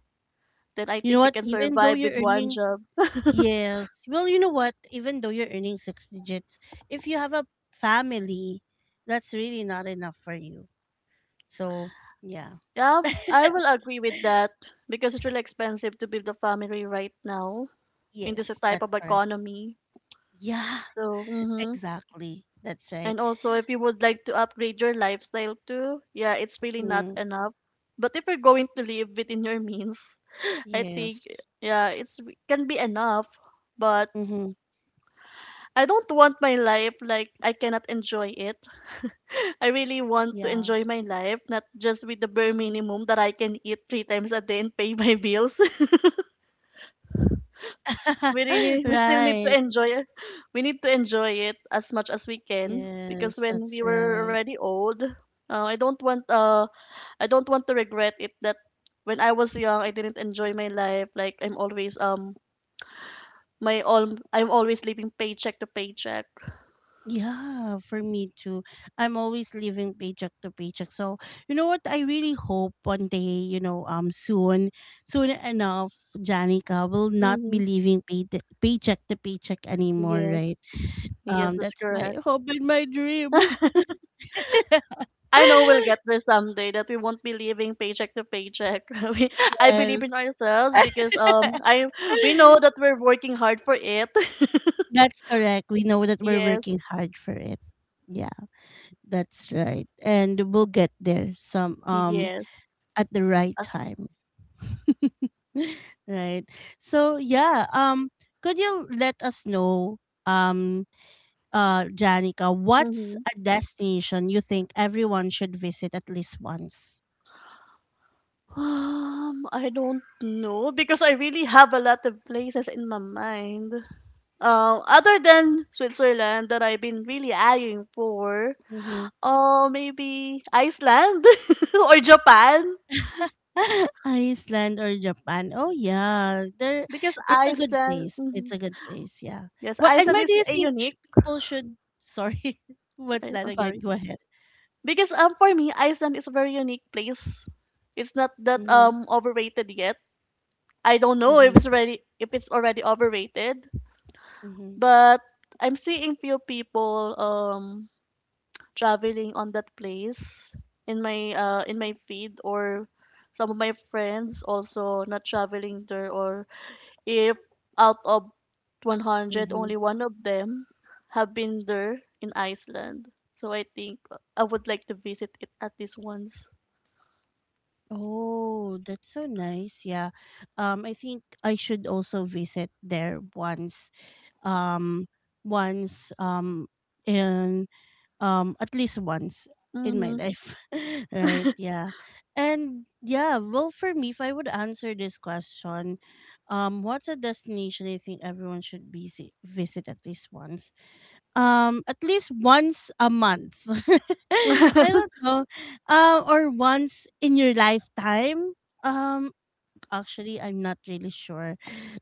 then I You know think you what? can Even though survive you're with one earning. job. Yes. Well, you know what? Even though you're earning six digits, if you have a family, that's really not enough for you. So, yeah. Yeah, I will agree with that because it's really expensive to build a family right now in this Yes, type that's of correct. economy. Yeah, So, exactly. That's right. And also, if you would like to upgrade your lifestyle too, yeah, it's really not Mm, enough. But if you're going to live within your means, I think, yes. yeah, it's can be enough. But Mm-hmm. I don't want my life like I cannot enjoy it. I really want to Yeah. enjoy my life, not just with the bare minimum that I can eat 3 times a day and pay my bills. we really we still need Right. to enjoy it. We need to enjoy it as much as we can because Yes, when that's we were right. already old, I don't want to regret it that when I was young I didn't enjoy my life. Like I'm always my all I'm always living paycheck to paycheck. Yeah, for me too. I'm always living paycheck to paycheck. So, you know what? I really hope one day, soon, soon enough, Janica will not be Mm-hmm. living paycheck to paycheck anymore, Yes, right? yes, that's That's my correct. hope and my dream. I know we'll get there someday that we won't be living paycheck to paycheck. we, I believe Yes. in ourselves because I we know that we're working hard for it. That's correct. We know that we're Yes. working hard for it. Yeah, that's right. And we'll get there some Yes. at the right Uh, time. Right. So yeah, could you let us know, um Janica, what's mhm. a destination you think everyone should visit at least once? I don't know because I really have a lot of places in my mind. Other than Switzerland that I've been really eyeing for, Mm-hmm. Maybe Iceland or Japan Iceland or Japan. Oh yeah, there. because It's a good Iceland. place. It's Mhm. a good place. Yeah. Yes, Well, and Iceland why do is you a think unique. people should? Sorry, what's I, that I'm again? sorry Go ahead. because for me Iceland is a very unique place. It's not that Mm-hmm, overrated yet. I don't know if mm-hmm, it's already overrated. mm-hmm, But I'm seeing few people traveling on that place in my feed or some of my friends also not traveling there or if out of 100 mm-hmm. only one of them have been there in Iceland. So I think I would like to visit it at least once. Oh, that's so nice. Yeah. I think I should also visit there once. Um, Once. In at least once in my Mhm. life right, yeah. And yeah, well, for me, if I would answer this question, what's a destination I think everyone should visit at least once, at least once a month? I don't know. Or once in your lifetime. um actually, I'm not really sure.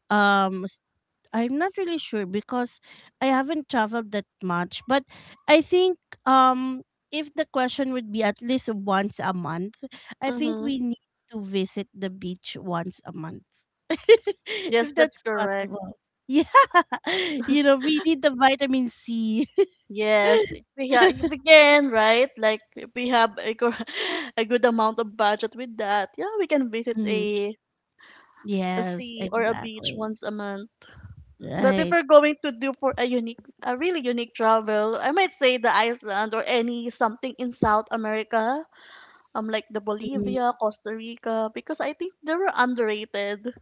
um I'm not really sure because I haven't traveled that much, but I think um if the question would be at least once a month, I think mhm. we need to visit the beach once a month. Yes, If that's that's correct. possible. Yeah. We need the vitamin C. Yes, if we have if we can, right? Like if we have a, a good amount of budget with that, yeah, we can visit Mhm. A Yes, sea or a beach exactly. once a month. But if Right. we're going to do for a really unique travel, I might say the Iceland or any something in South America, like the Mhm. Bolivia, Costa Rica, because I think they were underrated.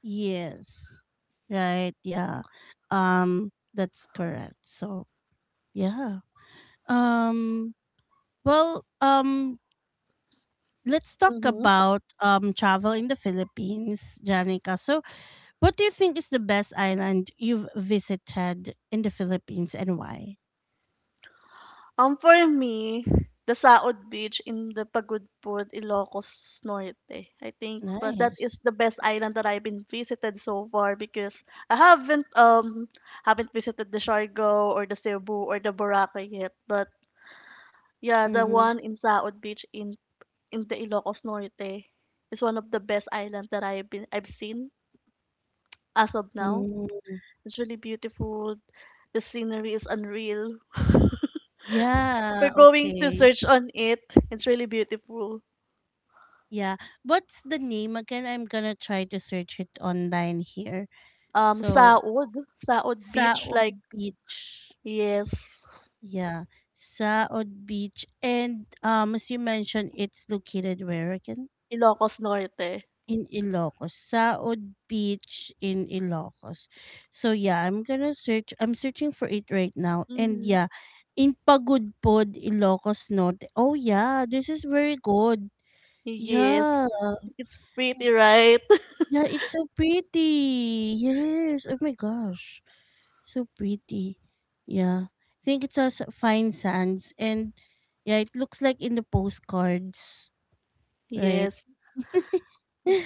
Yes. Right. Yeah. That's correct. So, yeah. Um, well, let's talk Mm-hmm. about travel in the Philippines, Janica. So, what do you think is the best island you've visited in the Philippines and why? For me, the Saod Beach in the Pagudpud, Ilocos Norte. I think but that Nice. is the best island that I've been visited so far because I haven't visited the Siargao or the Cebu or the Boracay yet. But yeah, the Mm-hmm. one in Saod Beach in the Ilocos Norte is one of the best island that I've seen as of now. Mm. It's really beautiful. The scenery is unreal. If you're Yeah, going to okay. search on it, it's really beautiful. Yeah. What's the name again? I'm gonna try to search it online here. So, Saud Beach, Saod like, Beach. yes, Yeah, Saod Beach. And as you mentioned, it's located where again? Ilocos Norte. In Ilocos. Saod Beach in Ilocos. So yeah, I'm gonna search. I'm searching for it right now. And Hmm yeah, in Pagudpod, Ilocos Norte. Oh yeah, this is very good. Yes, Yeah. it's pretty, right? Yeah, it's so pretty. Yes. Oh my gosh. So pretty. Yeah. I think it's a fine sands, and yeah, it looks like in the postcards, right? Yes.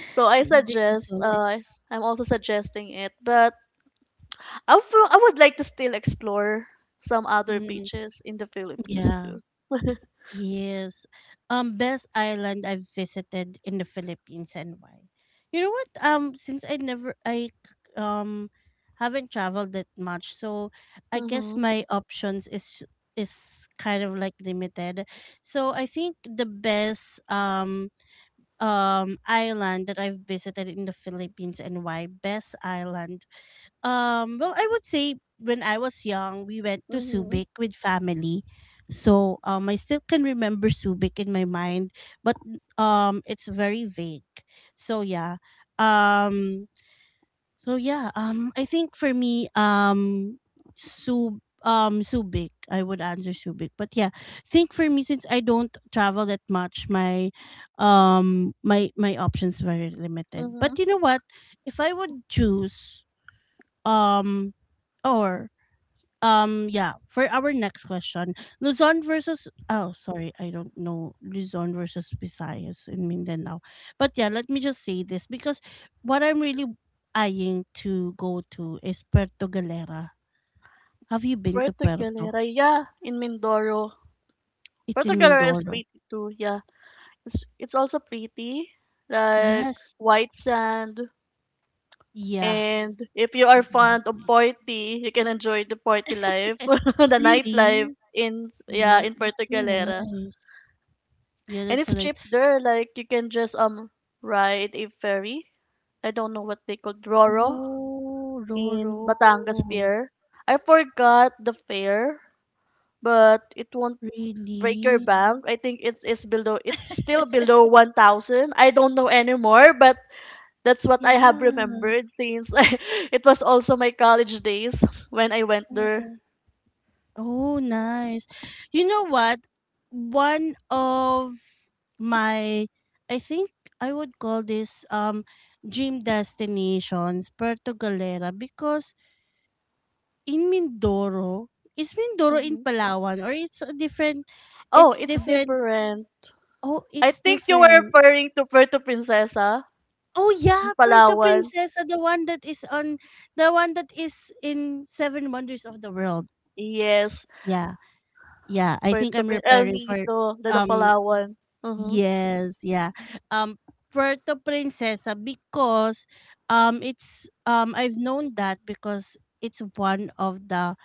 So I This is suggest, so nice. I'm also suggesting it, but I would like to still explore some other Mm, beaches in the Philippines yeah. too. Yes. Best island I've visited in the Philippines and why? You know what? Since I um haven't traveled that much, so I guess Mm-hmm. my options is kind of like limited. So I think the best island that I've visited in the Philippines and why best island, well, I would say when I was young, we went to Mm-hmm. Subic with family. So I still can remember Subic in my mind, but it's very vague. So yeah, um, I think for me, Sub Subic, I would answer Subic. But yeah, I think for me, since I don't travel that much, my my options were limited. Mm-hmm. But you know what? If I would choose um or yeah, for our next question, Luzon versus, oh sorry, I don't know, Luzon versus Visayas in Mindanao. But yeah, let me just say this because what I'm really eyeing to go to is Puerto Galera. Have you been to Puerto Puerto? Galera, yeah, in Mindoro. It's Puerto in Galera is Mindoro. pretty too, yeah. It's also pretty, like Yes. white sand. Yeah, And if you are fond exactly. of party, you can enjoy the party life, the nightlife Really? in yeah in That's Puerto so Galera. nice. Yeah, And that's so it's nice. cheap there. Like you can just ride a ferry. I don't know what they call Roro Oh, in Roro. Batangas Pier. I forgot the fare, but it won't break your Really? bank. I think it's still below 1,000. I don't know anymore, but that's what I have Yeah. remembered since it was also my college days when I went there. Mm. Oh, nice. You know what? One of my, I think I would call this dream destinations, Puerto Galera, because in Mindoro, is Mindoro in Mhm. Palawan or it's a different, Oh, it's it's different. different. Oh, I it's think you were different. referring to Puerto Princesa Oh in yeah, Puerto Palawan. Princesa, the one that is on, the one that is in Seven Wonders of the World. Yes, Yeah. Yeah, I think I'm El preparing for Nido, the um Palawan. Mm-hmm. yes, yeah. Um, Puerto Princesa because it's I've known that because it's one of the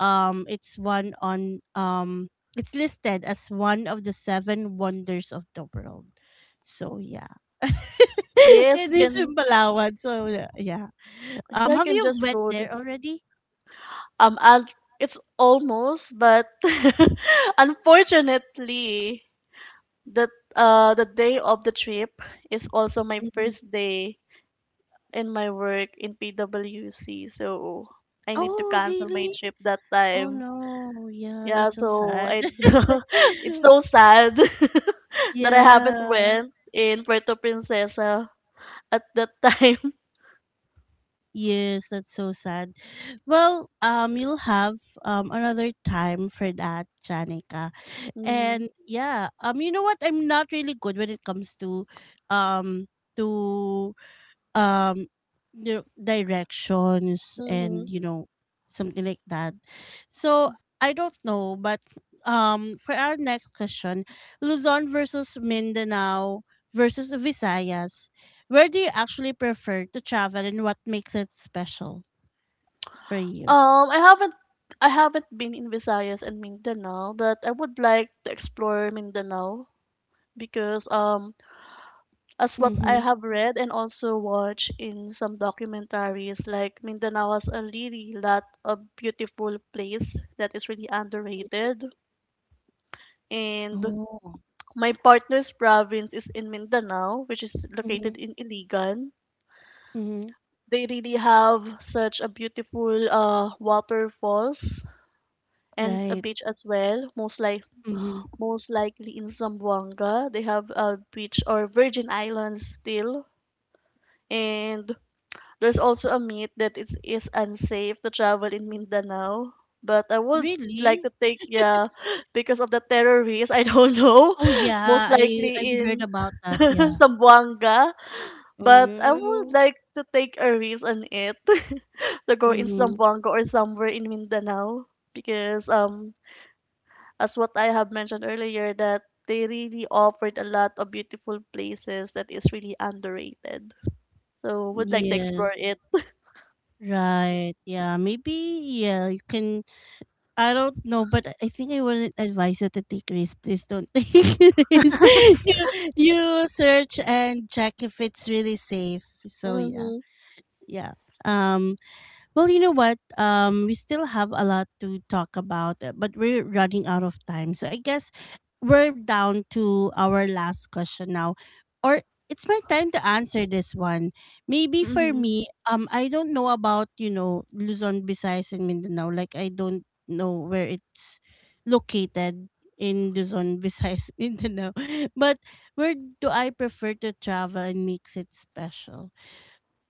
um it's one on um it's listed as one of the seven wonders of the world. So yeah. Yes, It you is can. in Palawan. So yeah. Yeah, Um, I have can you just went go. There already? And it's almost, but unfortunately, the day of the trip is also my Hmm. first day in my work in PWC, so I need to Oh, cancel my really? trip that Oh time. no, yeah, Yeah, that's so so sad. I it's so sad that I haven't Yeah. went in Puerto Princesa at that time. Yes, that's so sad. Well, you'll have another time for that, Janica. hmm And yeah, you know what? I'm not really good when it comes to, um, to um you know, directions and hmm something like that, so I don't know. But for our next question, Luzon versus Mindanao versus Visayas, where do you actually prefer to travel and what makes it special for you? Um, I haven't I haven't been in Visayas and Mindanao, but I would like to explore Mindanao because as what I Mm-hmm. have read and also watched in some documentaries, like Mindanao has a really lot of beautiful place that is really underrated. And Oh. my partner's province is in Mindanao, which is Mm-hmm. located in Iligan. Mm-hmm. They really have such a beautiful waterfalls and a Right. beach as well. Mm-hmm. Most likely in Zamboanga, they have a beach or Virgin Islands still. And there's also a myth that it is unsafe to travel in Mindanao, but I would like Really? to take yeah because of the terrorists. I don't know, Oh yeah, most I've likely heard in about that, yeah. Zamboanga, Oh but I would no. like to take a risk on it to go in Mm-hmm. Zamboanga or somewhere in Mindanao because as what I have mentioned earlier that they really offered a lot of beautiful places that is really underrated. So would like to Yes. explore it. Right. Yeah. Maybe. Yeah. You can. I don't know, but I think I wouldn't advise you to take risk. Please don't take risk. You you search and check if it's really safe. So yeah. Mhm. Yeah. Um. Well, you know what? We still have a lot to talk about, but we're running out of time. So I guess we're down to our last question now, or it's my time to answer this one. Maybe for Mm-hmm. me, I don't know about you know Luzon, Visayas, and Mindanao. Like I don't know where it's located in Luzon, Visayas, Mindanao. But where do I prefer to travel and makes it special?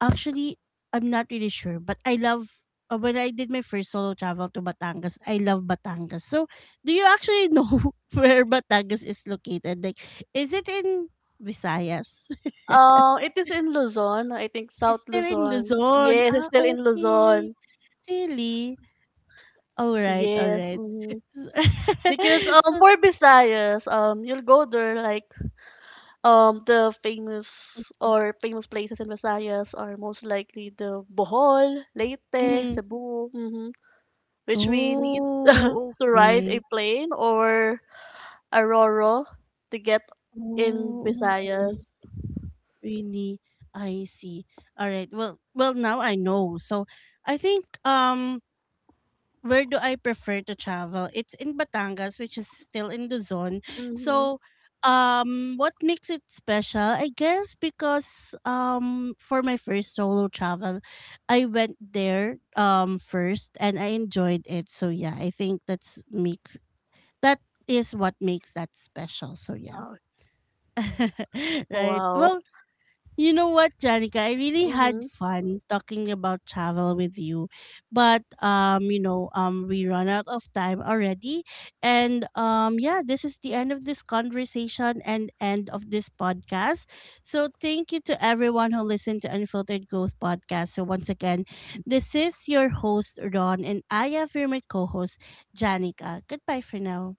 Actually, I'm not really sure, but I love when I did my first solo travel to Batangas, I love Batangas. So, do you actually know where Batangas is located? Like, is it in Visayas? It is in Luzon, I think South It's still in Luzon. Luzon. Yes, it's Ah, still in okay. Luzon. Really? All right, all Yes. right. Mm-hmm. Because So, for Visayas, you'll go there like the famous mhm. or famous places in Visayas are most likely the Bohol, Leyte, Mhm. Cebu, mm-hmm, which we need Oh, to ride a okay. plane or a ro-ro to get in Oh, nice. Visayas. Really, I see. All right. Well, well, now I know. So, I think where do I prefer to travel? It's in Batangas, which is still in Luzon. Mm-hmm. So, what makes it special? I guess because for my first solo travel, I went there first and I enjoyed it. So yeah, I think that is what makes that special. So yeah. Oh, Right. wow. Well, you know what, Janica? I really had Mm-hmm. fun talking about travel with you, but you know, we run out of time already, and yeah, this is the end of this conversation and end of this podcast. So thank you to everyone who listened to Unfiltered Growth Podcast. So once again, this is your host Ron, and I have here my co-host Janica. Goodbye for now.